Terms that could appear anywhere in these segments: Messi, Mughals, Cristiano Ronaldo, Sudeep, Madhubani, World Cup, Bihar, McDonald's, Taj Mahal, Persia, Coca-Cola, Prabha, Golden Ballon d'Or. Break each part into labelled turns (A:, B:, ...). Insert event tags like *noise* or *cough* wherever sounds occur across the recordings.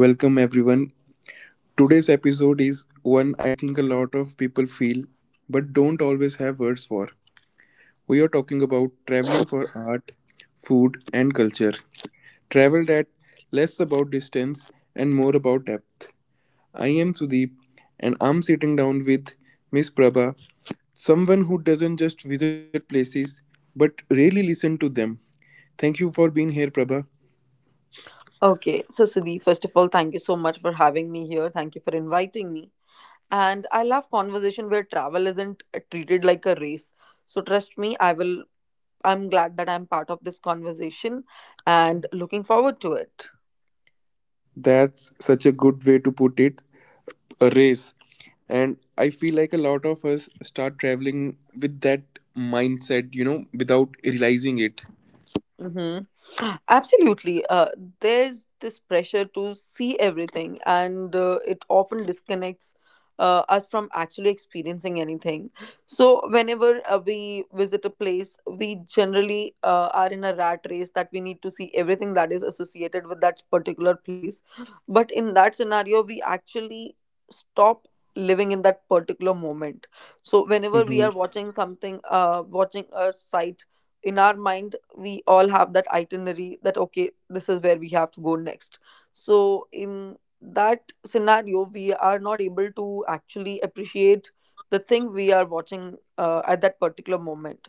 A: Welcome everyone. Today's episode is one I think a lot of people feel but don't always have words for. We are talking about traveling for art, food, and culture. Travel that less about distance and more about depth. I am Sudeep and I'm sitting down with Miss Prabha, someone who doesn't just visit places but really listen to them. Thank you for being here, Prabha.
B: Okay, so Sudeep, first of all, thank you so much for having me here. Thank you for inviting me. And I love conversation where travel isn't treated like a race. So trust me, I will. I'm glad that I'm part of this conversation and looking forward to it.
A: That's such a good way to put it. A race. And I feel like a lot of us start traveling with that mindset, without realizing it.
B: Mm-hmm. Absolutely. There's this pressure to see everything, and it often disconnects us from actually experiencing anything. So, whenever we visit a place, we generally are in a rat race that we need to see everything that is associated with that particular place. But in that scenario, we actually stop living in that particular moment. So, whenever we
A: Mm-hmm.
B: are watching something, watching a sight in our mind, we all have that itinerary that okay, this is where we have to go next. So in that scenario, we are not able to actually appreciate the thing we are watching at that particular moment.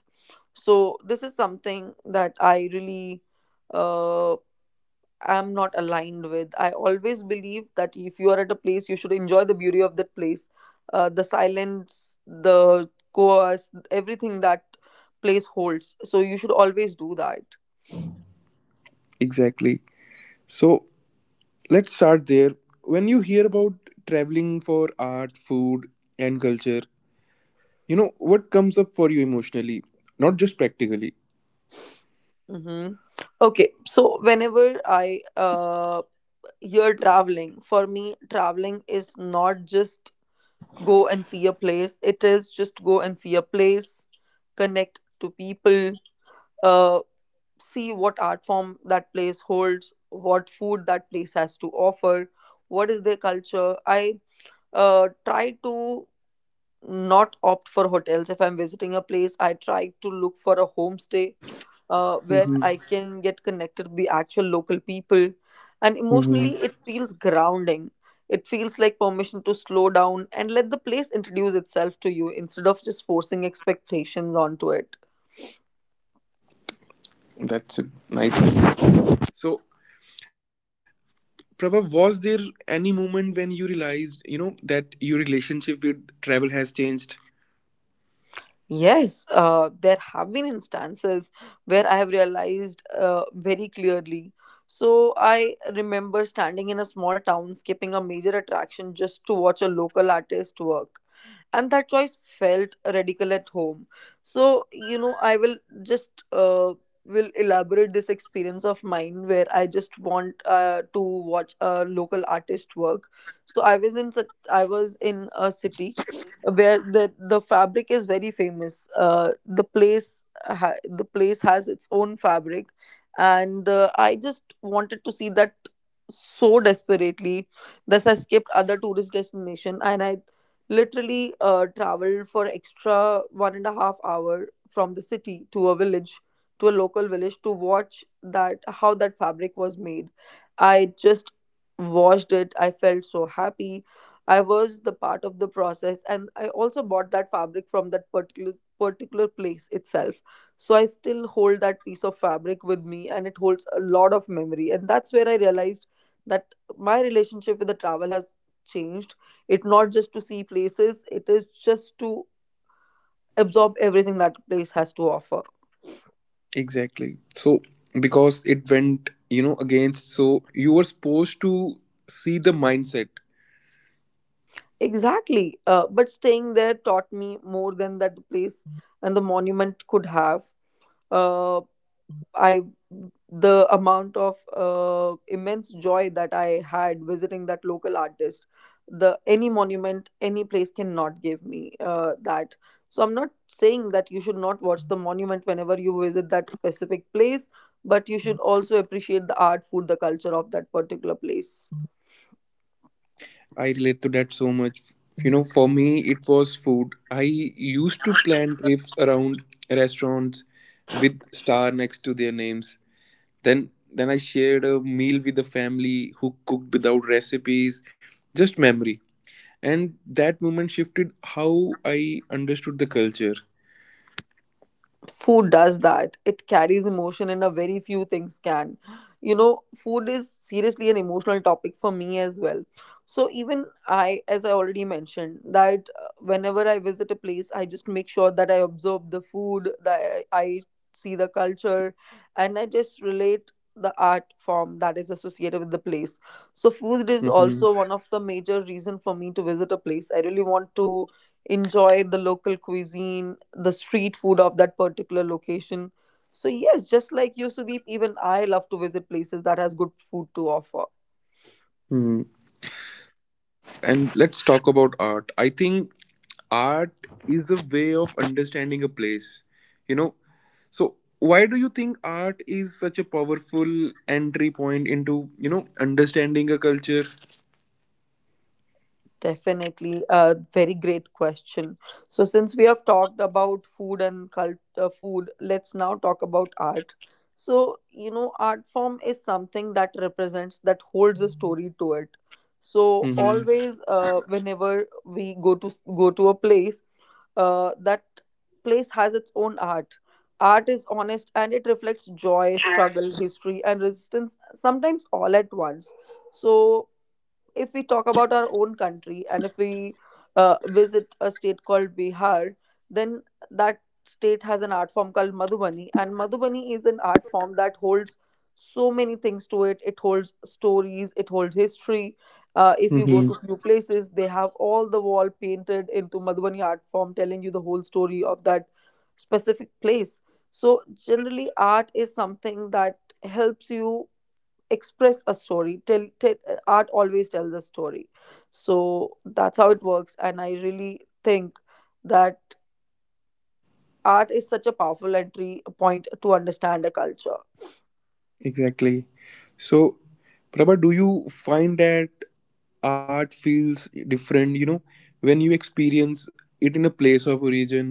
B: So this is something that I really uh, am not aligned with. I always believe that if you are at a place, you should enjoy the beauty of that place, the silence, the course, everything that place holds. So you should always do that.
A: Exactly. So let's start there. When you hear about traveling for art, food, and culture, what comes up for you emotionally, not just practically?
B: Mm-hmm. Okay, so whenever I hear traveling, for me, traveling is not just go and see a place, it is just go and see a place, connect to people, uh, see what art form that place holds, what food that place has to offer, what is their culture. I try to not opt for hotels if I'm visiting a place. I try to look for a homestay where
A: Mm-hmm.
B: I can get connected to the actual local people. And
A: Mm-hmm.
B: emotionally, it feels grounding. It feels like permission to slow down and let the place introduce itself to you instead of just forcing expectations onto it.
A: That's a nice. So, Prabha, was there any moment when you realized, that your relationship with travel has changed?
B: Yes, there have been instances where I have realized very clearly. So I remember standing in a small town, skipping a major attraction just to watch a local artist work. And that choice felt radical at home. So, you know, I will just will elaborate this experience of mine where I just want to watch a local artist work. So I was in a city where the fabric is very famous. The place the place has its own fabric, and I just wanted to see that so desperately. Thus, I skipped other tourist destination, and I literally traveled for extra 1.5 hour from the city to a village to a local village to watch that how that fabric was made. I just watched it. I felt so happy I was the part of the process, and I also bought that fabric from that particular place itself. So I still hold that piece of fabric with me, and it holds a lot of memory. And that's where I realized that my relationship with the travel has changed. It not just to see places; it is just to absorb everything that place has to offer.
A: Exactly. So, because it went, against, so you were supposed to see the mindset.
B: Exactly, but staying there taught me more than that place and the monument could have. Uh, I The amount of immense joy that I had visiting that local artist, the any monument, any place cannot give me that. So I'm not saying that you should not watch the monument whenever you visit that specific place, but you should also appreciate the art, food, the culture of that particular place.
A: I relate to that so much. You know, for me, it was food. I used to plan trips around restaurants with star next to their names. Then I shared a meal with the family who cooked without recipes, just memory. And that moment shifted how I understood the culture.
B: Food does that. It carries emotion in a very few things can. You know, food is seriously an emotional topic for me as well. So even I, as I already mentioned that, whenever I visit a place, I just make sure that I observe the food that I see the culture, and I just relate the art form that is associated with the place. So food is
A: Mm-hmm.
B: also one of the major reason for me to visit a place. I really want to enjoy the local cuisine, the street food of that particular location. So yes, just like you, Sudeep, even I love to visit places that has good food to offer.
A: Hmm. And let's talk about art. I think art is a way of understanding a place, you know. So why do you think art is such a powerful entry point into, understanding a culture?
B: Definitely a very great question. So, since we have talked about food, let's now talk about art. So, you know, art form is something that represents, that holds a story to it. So,
A: Hmm.
B: always, whenever we go to a place, that place has its own art. Art is honest and it reflects joy, struggle, history, and resistance, sometimes all at once. So, if we talk about our own country and if we visit a state called Bihar, then that state has an art form called Madhubani, and Madhubani is an art form that holds so many things to it. It holds stories, it holds history. If you go
A: Hmm.
B: to few places, they have all the wall painted into Madhubani art form, telling you the whole story of that specific place. So generally, art is something that helps you express a story. Tell, tell Art always tells a story. So that's how it works, and I really think that art is such a powerful entry point to understand a culture.
A: Exactly. So Prabha, do you find that art feels different, you know, when you experience it in a place of origin?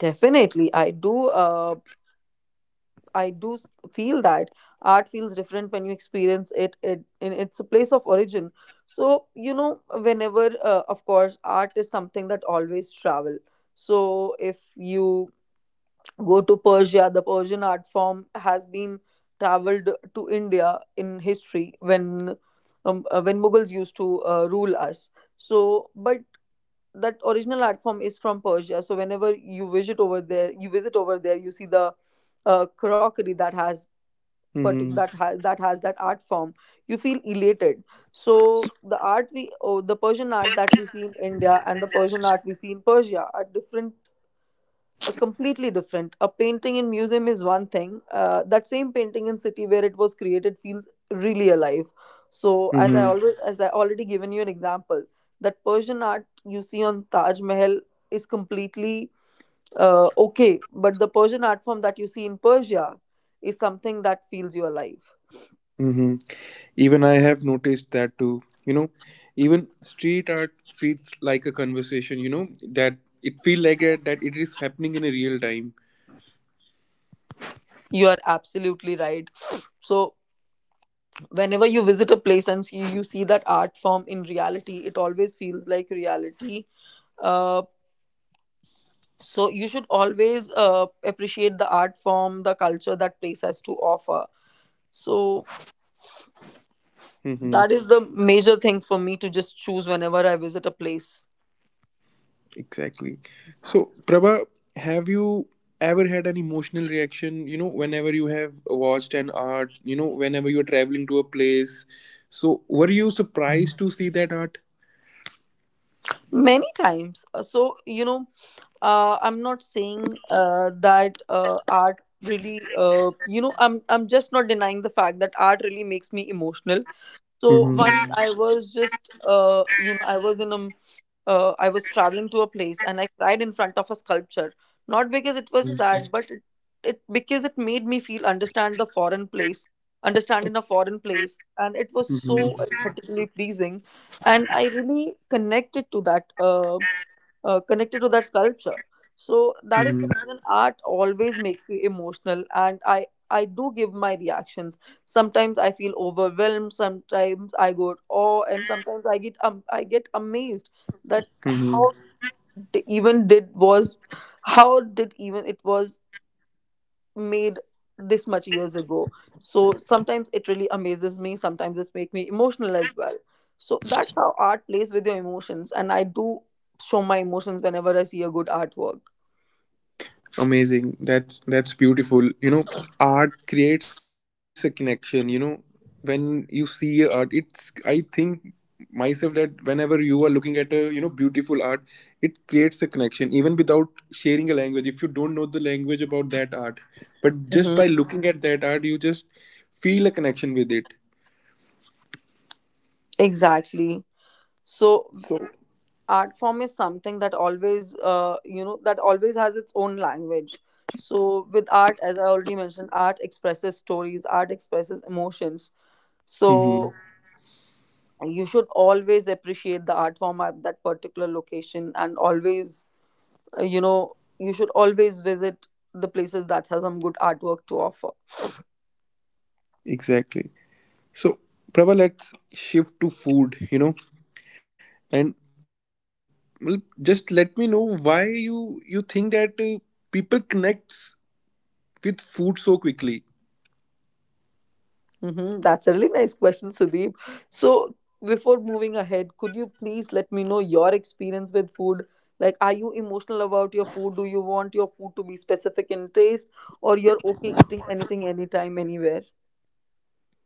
B: Definitely, I do. I do feel that art feels different when you experience it. In it's a place of origin. So you know, whenever, of course, art is something that always travel. So if you go to Persia, the Persian art form has been traveled to India in history when Mughals used to rule us. So, but that original art form is from Persia. So, whenever you visit over there, you see the crockery that has
A: Mm-hmm.
B: that has that art form. You feel elated. So, the Persian art that we see in India and the Persian art we see in Persia are different, completely different. A painting in museum is one thing. That same painting in city where it was created feels really alive. So
A: Mm-hmm.
B: as I already given you an example, that Persian art you see on Taj Mahal is completely okay, but the Persian art form that you see in Persia is something that feels you alive.
A: Mm-hmm. Even I have noticed that too. You know, even street art feels like a conversation, you know, that it feel like a, that it is happening in a real time.
B: You are absolutely right. So whenever you visit a place and see, you see that art form in reality, it always feels like reality. Uh, So you should always appreciate the art form, the culture that place has to offer. So
A: Mm-hmm.
B: that is the major thing for me to just choose whenever I visit a place.
A: Exactly. So, Prabha, have you ever had an emotional reaction, you know, whenever you have watched an art, you know, whenever you're traveling to a place? So, were you surprised to see that art?
B: Many times. You know, I'm not saying that art really you know, I'm just not denying the fact that art really makes me emotional. So
A: Mm-hmm.
B: once, Mhm. I Mhm. was just you know, I was traveling to a place and I cried in front of a sculpture, not because it was sad, but it because it made me feel understand the foreign place, understand in a foreign place, and it was so
A: Mm-hmm.
B: aesthetically pleasing, and I really connected to that. Connected to that culture. So that is the reason art always makes you emotional, and I do give my reactions. Sometimes I feel overwhelmed, sometimes I go awe, and sometimes I get amazed that
A: Mm-hmm.
B: it even did was how did even it was made this much years ago. So sometimes it really amazes me, sometimes it make me emotional as well. So that's how art plays with your emotions, and I do show my emotions whenever I see a good artwork.
A: Amazing. That's beautiful. You know, art creates a connection. You know, when you see a art, it's I think myself that whenever you are looking at a, beautiful art, it creates a connection even without sharing a language. If you don't know the language about that art, but
B: hmm
A: just by looking at that art, you just feel a connection with it.
B: Exactly. So
A: So,
B: art form is something that always, you know, that always has its own language. So with art, as I already mentioned, art expresses stories, art expresses emotions. So
A: mm-hmm.
B: you should always appreciate the art form at that particular location and always, you know, you should always visit the places that has some good artwork to offer.
A: Exactly. So, Prabha, let's shift to food. You know, and well, just let me know why you you think that people connects with food so quickly.
B: That's a really nice question, Sudeep. So before moving ahead, could you please let me know your experience with food? Like, are you emotional about your food? Do you want your food to be specific in taste, or you're okay eating anything, anytime, anywhere?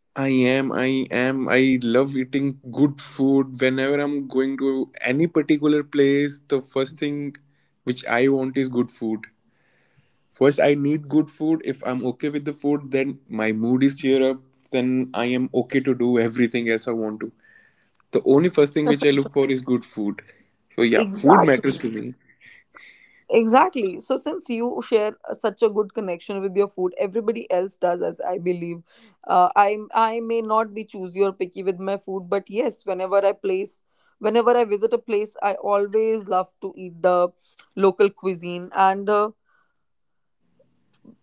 A: I am, I I love eating good food. Whenever I'm going to any particular place, the first thing which I want is good food. First, I need good food. If I'm okay with the food, then my mood is cheer up. Then I am okay to do everything else I want to. The only first thing
B: *laughs*
A: which I look for is good food. So yeah, food
B: Exactly.
A: matters to me.
B: Exactly. So, since you share such a good connection with your food, everybody else does, as I believe. I may not be choosy or picky with my food, but yes, whenever I visit a place, I always love to eat the local cuisine. And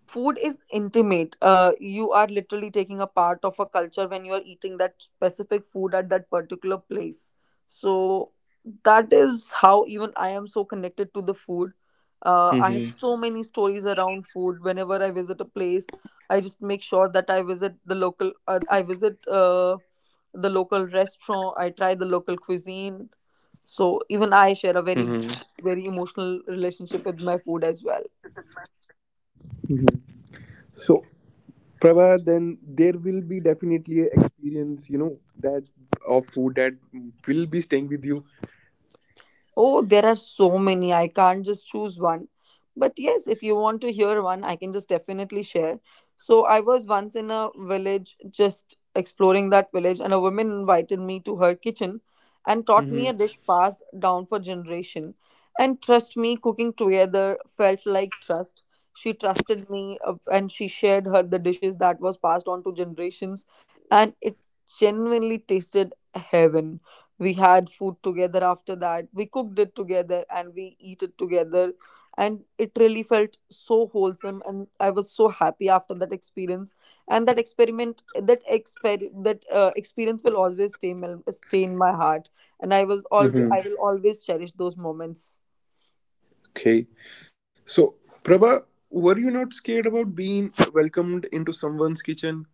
B: food is intimate. You are literally taking a part of a culture when you are eating that specific food at that particular place, so that is how even I am so connected to the food. I have so
A: Mm-hmm.
B: many stories around food whenever I visit a place. I just make sure that I visit the local I visit the local restaurant, I try the local cuisine. So even I share a
A: Mm-hmm.
B: very emotional relationship with my food as well.
A: So, Prava, then there will be definitely an experience, you know, that of food that will be staying with you.
B: Oh, there are so many. I can't just choose one. But yes, if you want to hear one, I can just definitely share. So, I was once in a village, just exploring that village, and a woman invited me to her kitchen and taught me a
A: Mm-hmm.
B: dish passed down for generation. And trust me, cooking together felt like trust. She trusted me, and she shared her the dishes that was passed on to generations, and it genuinely tasted heaven. We had food together. After that, we cooked it together and we eat it together, and it really felt so wholesome, and I was so happy after that experience. And that experiment, that experience will always stay in my heart, and I will
A: Mm-hmm.
B: always cherish those moments.
A: Okay. So, Prabha, were you not scared about being welcomed into someone's kitchen?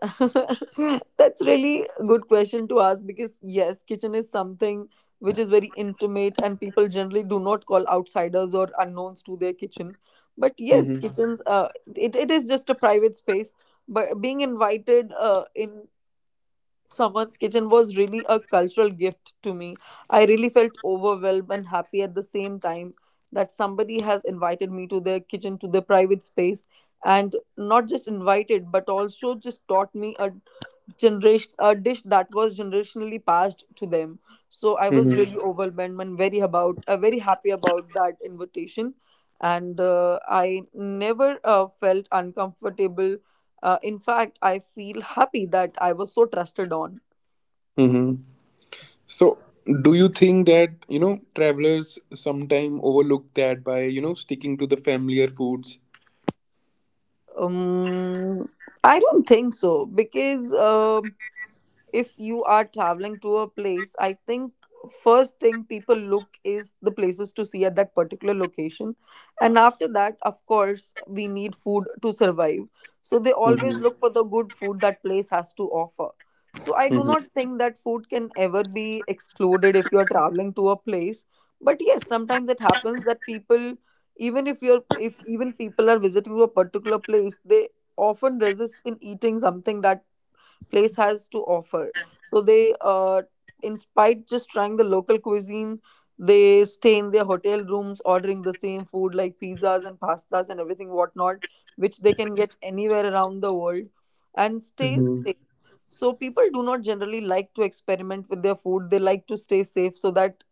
B: *laughs* That's really a good question to ask, because yes, kitchen is something which is very intimate, and people generally do not call outsiders or unknowns to their kitchen. But
A: Mm-hmm.
B: yes, kitchens, it is just a private space. But being invited in someone's kitchen was really a cultural gift to me. I really felt overwhelmed and happy at the same time that somebody has invited me to their kitchen, to their private space, and not just invited, but also just taught me a generation, a dish that was generationally passed to them. So I was really
A: Mm-hmm.
B: overwhelmed and very happy about that invitation. And I never felt uncomfortable. In fact, I feel happy that I was so trusted on.
A: Mm-hmm. So, do you think that, travelers sometime overlook that by, sticking to the familiar foods?
B: um, I don't think so, because if you are traveling to a place, I think first thing people look is the places to see at that particular location. And after that, of course, we need food to survive, so they always
A: Mm-hmm.
B: look for the good food that place has to offer. So I do
A: Mm-hmm.
B: not think that food can ever be excluded if you are traveling to a place. But yes, sometimes it happens that people, even if you're if even people are visiting to a particular place, they often resist in eating something that place has to offer. So they, in spite just trying the local cuisine, they stay in their hotel rooms ordering the same food like pizzas and pastas and everything whatnot, which they can get anywhere around the world, and stay safe.
A: Mm-hmm.
B: So people do not generally like to experiment with their food. They like to stay safe, so that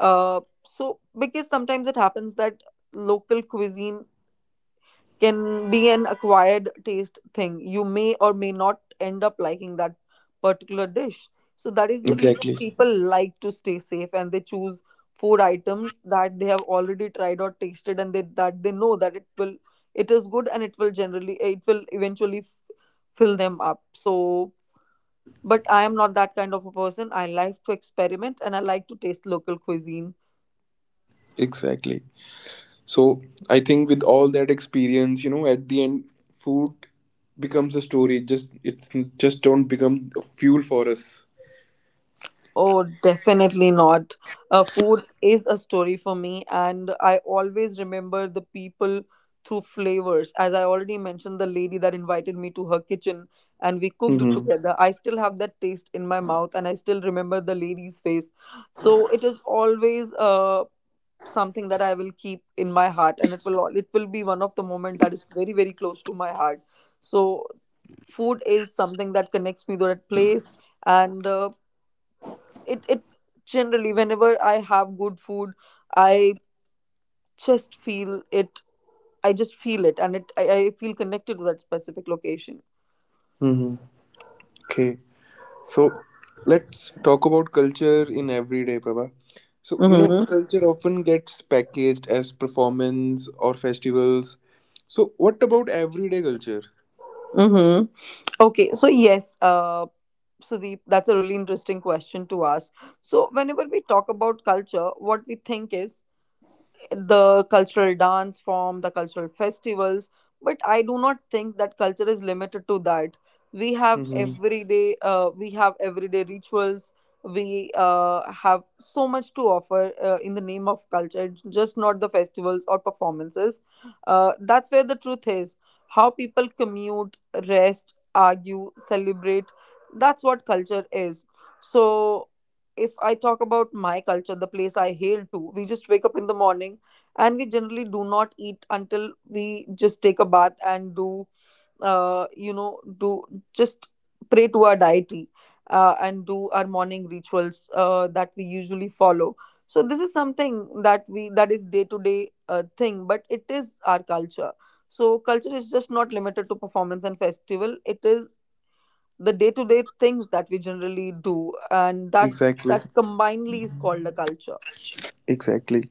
B: so because sometimes it happens that local cuisine can be an acquired taste thing. You may or may not end up liking that particular dish. So that is the reason
A: Exactly.
B: people like to stay safe, and they choose food items that they have already tried or tasted, and they know that it is good and it will generally, it will eventually fill them up. So, but I am not that kind of a person. I like to experiment and I like to taste local cuisine.
A: Exactly. So I think with all that experience, you know, at the end, food becomes a story. It just it's just don't become a fuel for us.
B: Oh, definitely not. Food is a story for me, and I always remember the people through flavors. As I already mentioned, the lady that invited me to her kitchen and we cooked
A: Mm-hmm.
B: together, I still have that taste in my mouth, and I still remember the lady's face. So it is always something that I will keep in my heart, and it will it will be one of the moment that is very close to my heart. So food is something that connects me to that place, and it generally, whenever I have good food, I just feel it. I feel connected to that specific location.
A: Mm-hmm. Okay. So let's talk about culture in everyday, Prabha. So you know,
B: Mm-hmm.
A: culture often gets packaged as performance or festivals. So what about everyday culture?
B: Mm-hmm. Okay, so yes, Sudeep, that's a really interesting question to ask. So, whenever we talk about culture, what we think is the cultural dance form, the cultural festivals. But I do not think that culture is limited to that. We have
A: Mm-hmm.
B: everyday rituals. We have so much to offer in the name of culture. It's just not the festivals or performances. That's where the truth is. How people commute, rest, argue, celebrate. That's what culture is. So if I talk about my culture, the place I hail to, we just wake up in the morning, and we generally do not eat until we just take a bath and do you know do just pray to our deity, and do our morning rituals that we usually follow. So this is something that we that is day to day thing, but it is our culture. So culture is just not limited to performance and festival. It is the day to day things that we generally do, and that,
A: Exactly.
B: that combinedly is called a culture.
A: Exactly.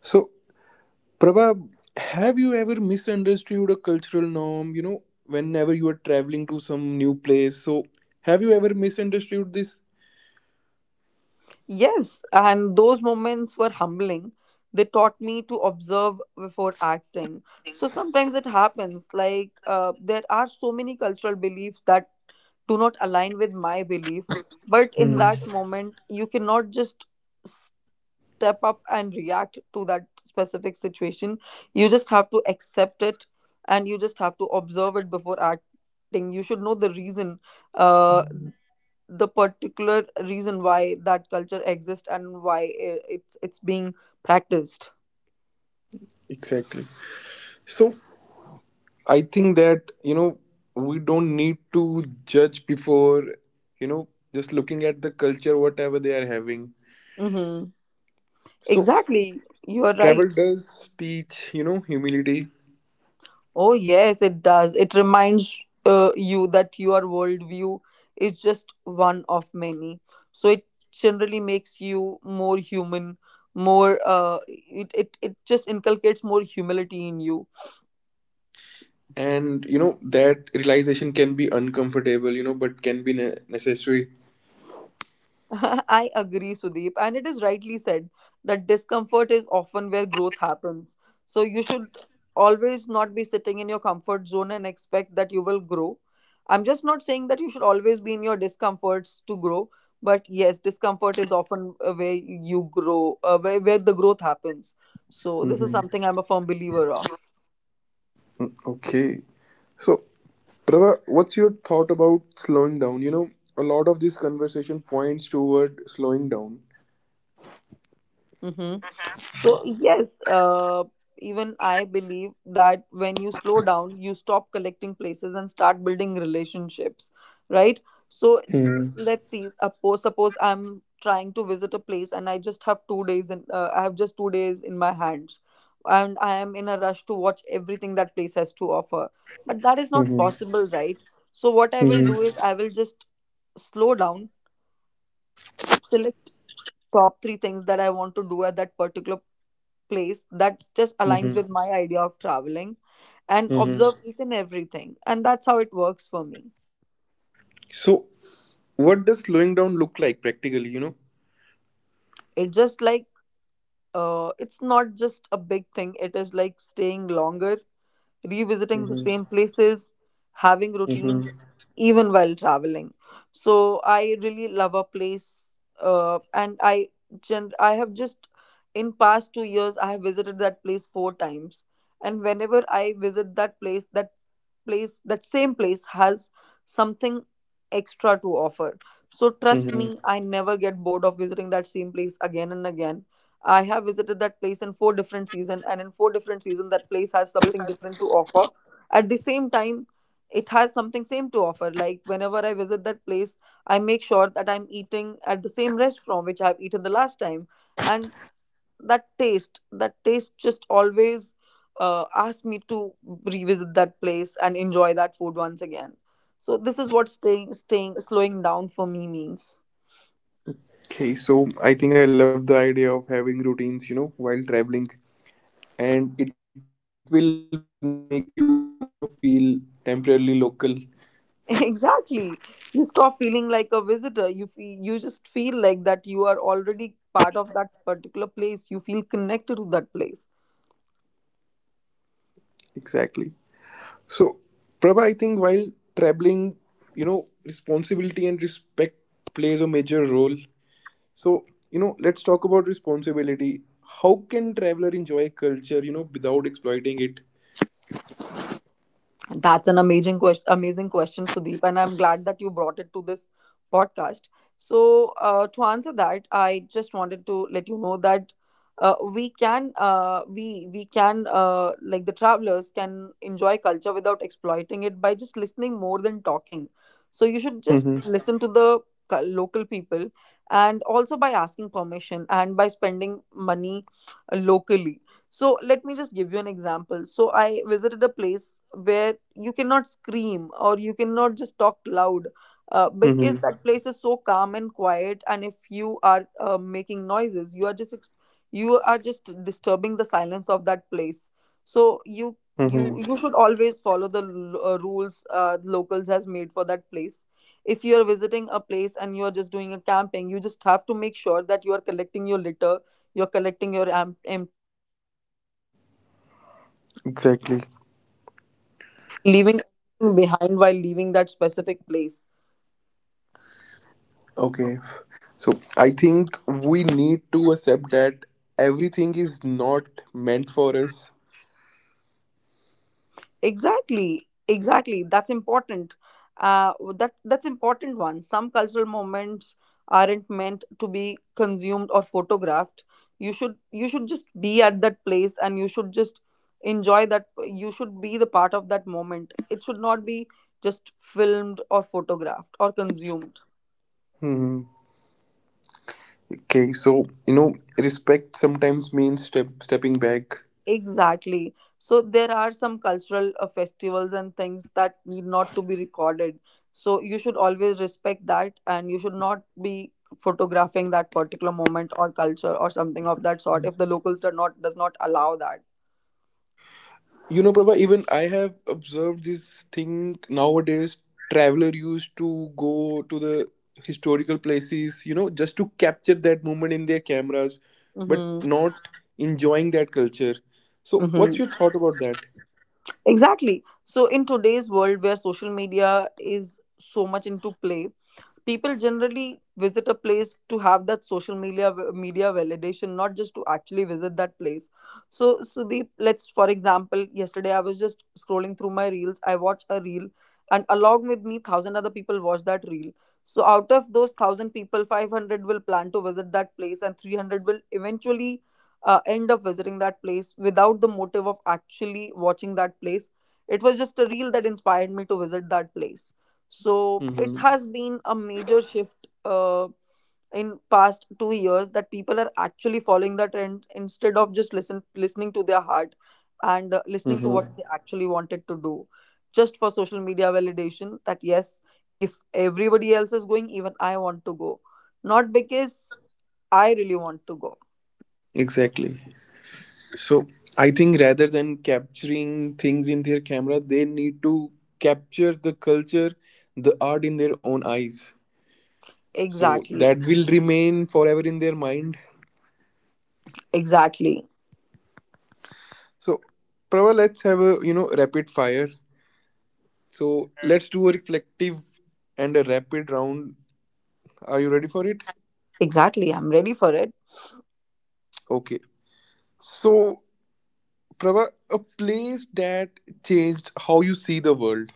A: So Prabha, have you ever misunderstood a cultural norm? You know, whenever you are traveling to some new place, so have you ever misunderstood this?
B: Yes, and those moments were humbling. They taught me to observe before acting. So sometimes it happens, like there are so many cultural beliefs that do not align with my belief, but in
A: Hmm,
B: that moment, you cannot just step up and react to that specific situation. You just have to accept it, and you just have to observe it before acting. You should know the reason, uh, the particular reason why that culture exists and why it's being practiced.
A: exactly. So, I think that, we don't need to judge before, you know, just looking at the culture, whatever they are having.
B: Hmm,
A: So,
B: exactly, you are right.
A: travel does teach, you know, humility.
B: Oh, yes, it does. It reminds, you that your worldview is just one of many. So it generally makes you more human, more, it just inculcates more humility in you.
A: And, you know, that realization can be uncomfortable, you know, but can be necessary.
B: *laughs* I agree, Sudeep, and it is rightly said that discomfort is often where growth happens. So you should always not be sitting in your comfort zone and expect that you will grow. I'm just not saying that you should always be in your discomforts to grow, but yes, discomfort is often, where you grow, where the growth happens. So this is
A: Hmm.
B: something I'm a firm believer of.
A: Okay. So, Prava, what's your thought about slowing down? You know, a lot of this conversation points toward slowing down.
B: Mm-hmm. So, yes, even I believe that when you slow down, you stop collecting places and start building relationships, right? So,
A: Mm-hmm.
B: let's see. Suppose I'm trying to visit a place and I just have 2 days in my hands, and I am in a rush to watch everything that place has to offer. But that is not
A: Mm-hmm.
B: possible, right? So, what I will do is I will just slow down, select top three things that I want to do at that particular place that just aligns
A: Mm-hmm.
B: with my idea of traveling, and observe
A: Mm-hmm.
B: each and everything. And that's how it works for me.
A: So, what does slowing down look like practically, you know?
B: It just like, it's not just a big thing. It is like staying longer, revisiting the
A: Mm-hmm.
B: same places, having routines,
A: Mm-hmm.
B: even while traveling. So I really love a place, and I I have just, in past 2 years, I have visited that place four times. And whenever I visit that place, that same place has something extra to offer. So trust me, I
A: Mm-hmm.
B: never get bored of visiting that same place again and again. I have visited that place in four different seasons, and in four different seasons, that place has something different to offer. At the same time, it has something same to offer. Like whenever I visit that place, I make sure that I'm eating at the same restaurant which I've eaten the last time, and that taste just always, asks me to revisit that place and enjoy that food once again. So this is what slowing down for me means.
A: Okay, so I think I love the idea of having routines, you know, while traveling, and it will make you, feel temporarily local.
B: *laughs* Exactly. You stop feeling like a visitor. You just feel like that you are already part of that particular place. You feel connected to that place.
A: Exactly. So, Prabha, I think while traveling, you know, responsibility and respect plays a major role. So, you know, let's talk about responsibility. How can traveler enjoy culture, without exploiting it?
B: That's an amazing question, Sudeep, and I'm glad that you brought it to this podcast. So, to answer that, I just wanted to let you know that, we like the travelers can enjoy culture without exploiting it by just listening more than talking. So you should just
A: Mm-hmm.
B: listen to the local people, and also by asking permission and by spending money locally. So let me just give you an example. So I visited a place where you cannot scream or you cannot just talk loud, because that
A: Mm-hmm.
B: place is so calm and quiet. And if you are making noises, you are just you are just disturbing the silence of that place. So
A: Mm-hmm.
B: you should always follow the rules locals has made for that place. If you are visiting a place and you are just doing a camping, you just have to make sure that you are collecting your litter, you're collecting your am
A: Exactly.
C: Leaving anything behind while leaving that specific place.
A: Okay. So I think we need to accept that everything is not meant for us.
C: Exactly, that's important. Uh that that's important one. Some cultural moments aren't meant to be consumed or photographed. You should just be at that place and you should just enjoy that. You should be the part of that moment. It should not be just filmed or photographed or consumed.
A: Hmm. Okay, so you know, respect sometimes means stepping back.
C: Exactly. So there are some cultural festivals and things that need not to be recorded. So you should always respect that and you should not be photographing that particular moment or culture or something of that sort if the locals do not does not allow that.
A: You know, Prabha, even I have observed this thing nowadays. Traveler used to go to the historical places, just to capture that moment in their cameras, but
C: Mm-hmm.
A: not enjoying that culture. So, what's
C: Mm-hmm.
A: your thought about that?
C: Exactly. So in today's world where social media is so much into play, people generally visit a place to have that social media validation, not just to actually visit that place. So Sudeep, let's for example, yesterday I was just scrolling through my reels. I watch a reel and along with me thousand other people watch that reel. So out of those thousand people, 500 will plan to visit that place and 300 will eventually end up visiting that place without the motive of actually watching that place. It was just a reel that inspired me to visit that place. So it
A: Mm-hmm.
C: has been a major shift in past 2 years that people are actually following the trend instead of just listening to their heart and listening to
A: Mm-hmm.
C: what they actually wanted to do. Just for social media validation that yes, if everybody else is going, even I want to go, not because I really want to go.
A: Exactly. So, I think rather than capturing things in their camera, they need to capture the culture, the art in their own eyes. So,
C: exactly
A: that will remain forever in their mind.
C: exactly
A: So, Prava, let's have a rapid fire. So let's do a reflective and a rapid round. Are you ready for it?
C: exactly I'm ready for it.
A: Okay. So, Prava, a place that changed how you see the world.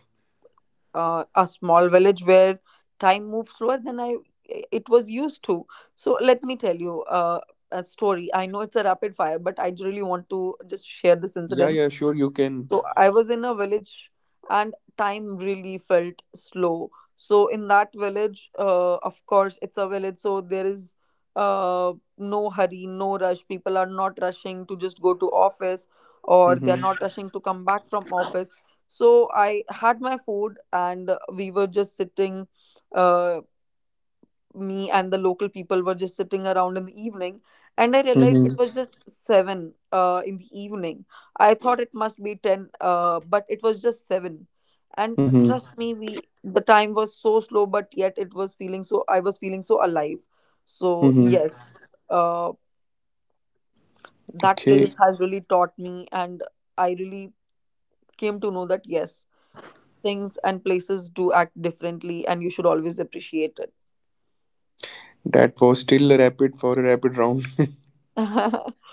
C: A small village where time moved slower than I it was used to. So let me tell you a story. I know it's a rapid fire, but I really want to just share this
A: Yeah,
C: incident.
A: yeah, sure, you can.
C: So I was in a village and time really felt slow. So in that village, of course, it's a village, so there is no hurry, no rush. People are not rushing to just go to office or they're
A: Mm-hmm.
C: not rushing to come back from office. So I had my food and we were just sitting. Uh, Me and the local people were just sitting around in the evening, and I realized it
A: Mm-hmm.
C: was just 7 in the evening. I thought it must be 10 but it was just 7. And
A: Mm-hmm.
C: trust me, we the time was so slow, but yet it was feeling so I was feeling so alive. So yes,
A: Mm-hmm.
C: uh, that place
A: Okay.
C: has really taught me, and I really came to know that yes, things and places do act differently and you should always appreciate
A: That was still a rapid for a rapid round. *laughs*
C: it. *laughs*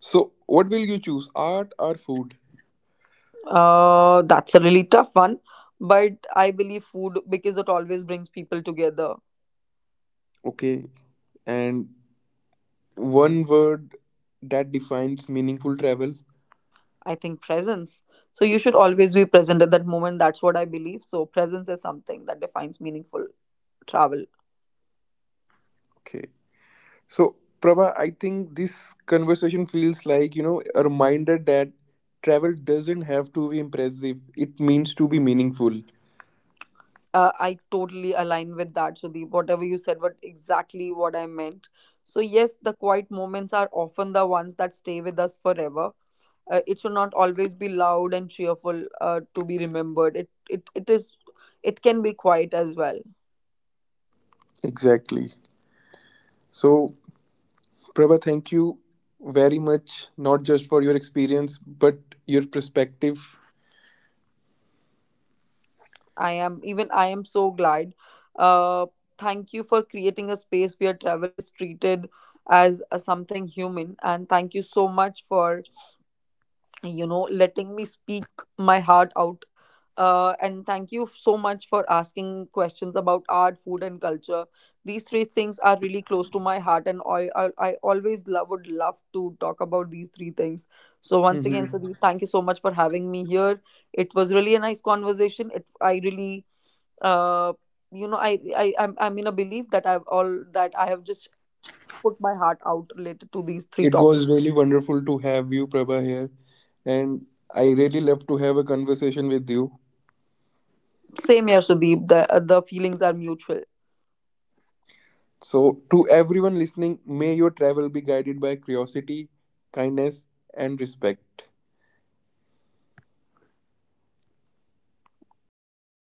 A: So, what will you choose? Art or food?
C: That's a really tough one, but I believe food because it always brings people together.
A: Okay. And one word that defines meaningful travel.
C: I think presence. So you should always be present at that moment. That's what I believe. So presence is something that defines meaningful travel.
A: Okay. So, Prabha, I think this conversation feels like, a reminder that travel doesn't have to be impressive. It means to be meaningful.
C: I totally align with that, Sudeep. Whatever you said, what exactly what I meant. So yes, the quiet moments are often the ones that stay with us forever. It should not always be loud and cheerful to be remembered. It is. It can be quiet as well.
A: Exactly. So, Prabha, thank you very much, not just for your experience, but your perspective.
C: I am, even I am so glad. Uh, Thank you for creating a space where travel is treated as a something human, and thank you so much for letting me speak my heart out. And thank you so much for asking questions about art, food, and culture. These three things are really close to my heart, and I always love would love to talk about these three things. So once again,
A: Hmm.
C: Sudeep, thank you so much for having me here. It was really a nice conversation. It I really uh, I'm in a belief that I've all that I have just put my heart out related to these three
A: It was
C: topics.
A: really wonderful to have you, Prabha, here. And I really love to have a conversation with you.
C: Same here Sudeep, the feelings are mutual.
A: So, to everyone listening, may your travel be guided by curiosity, kindness, and respect.
C: Same, uh,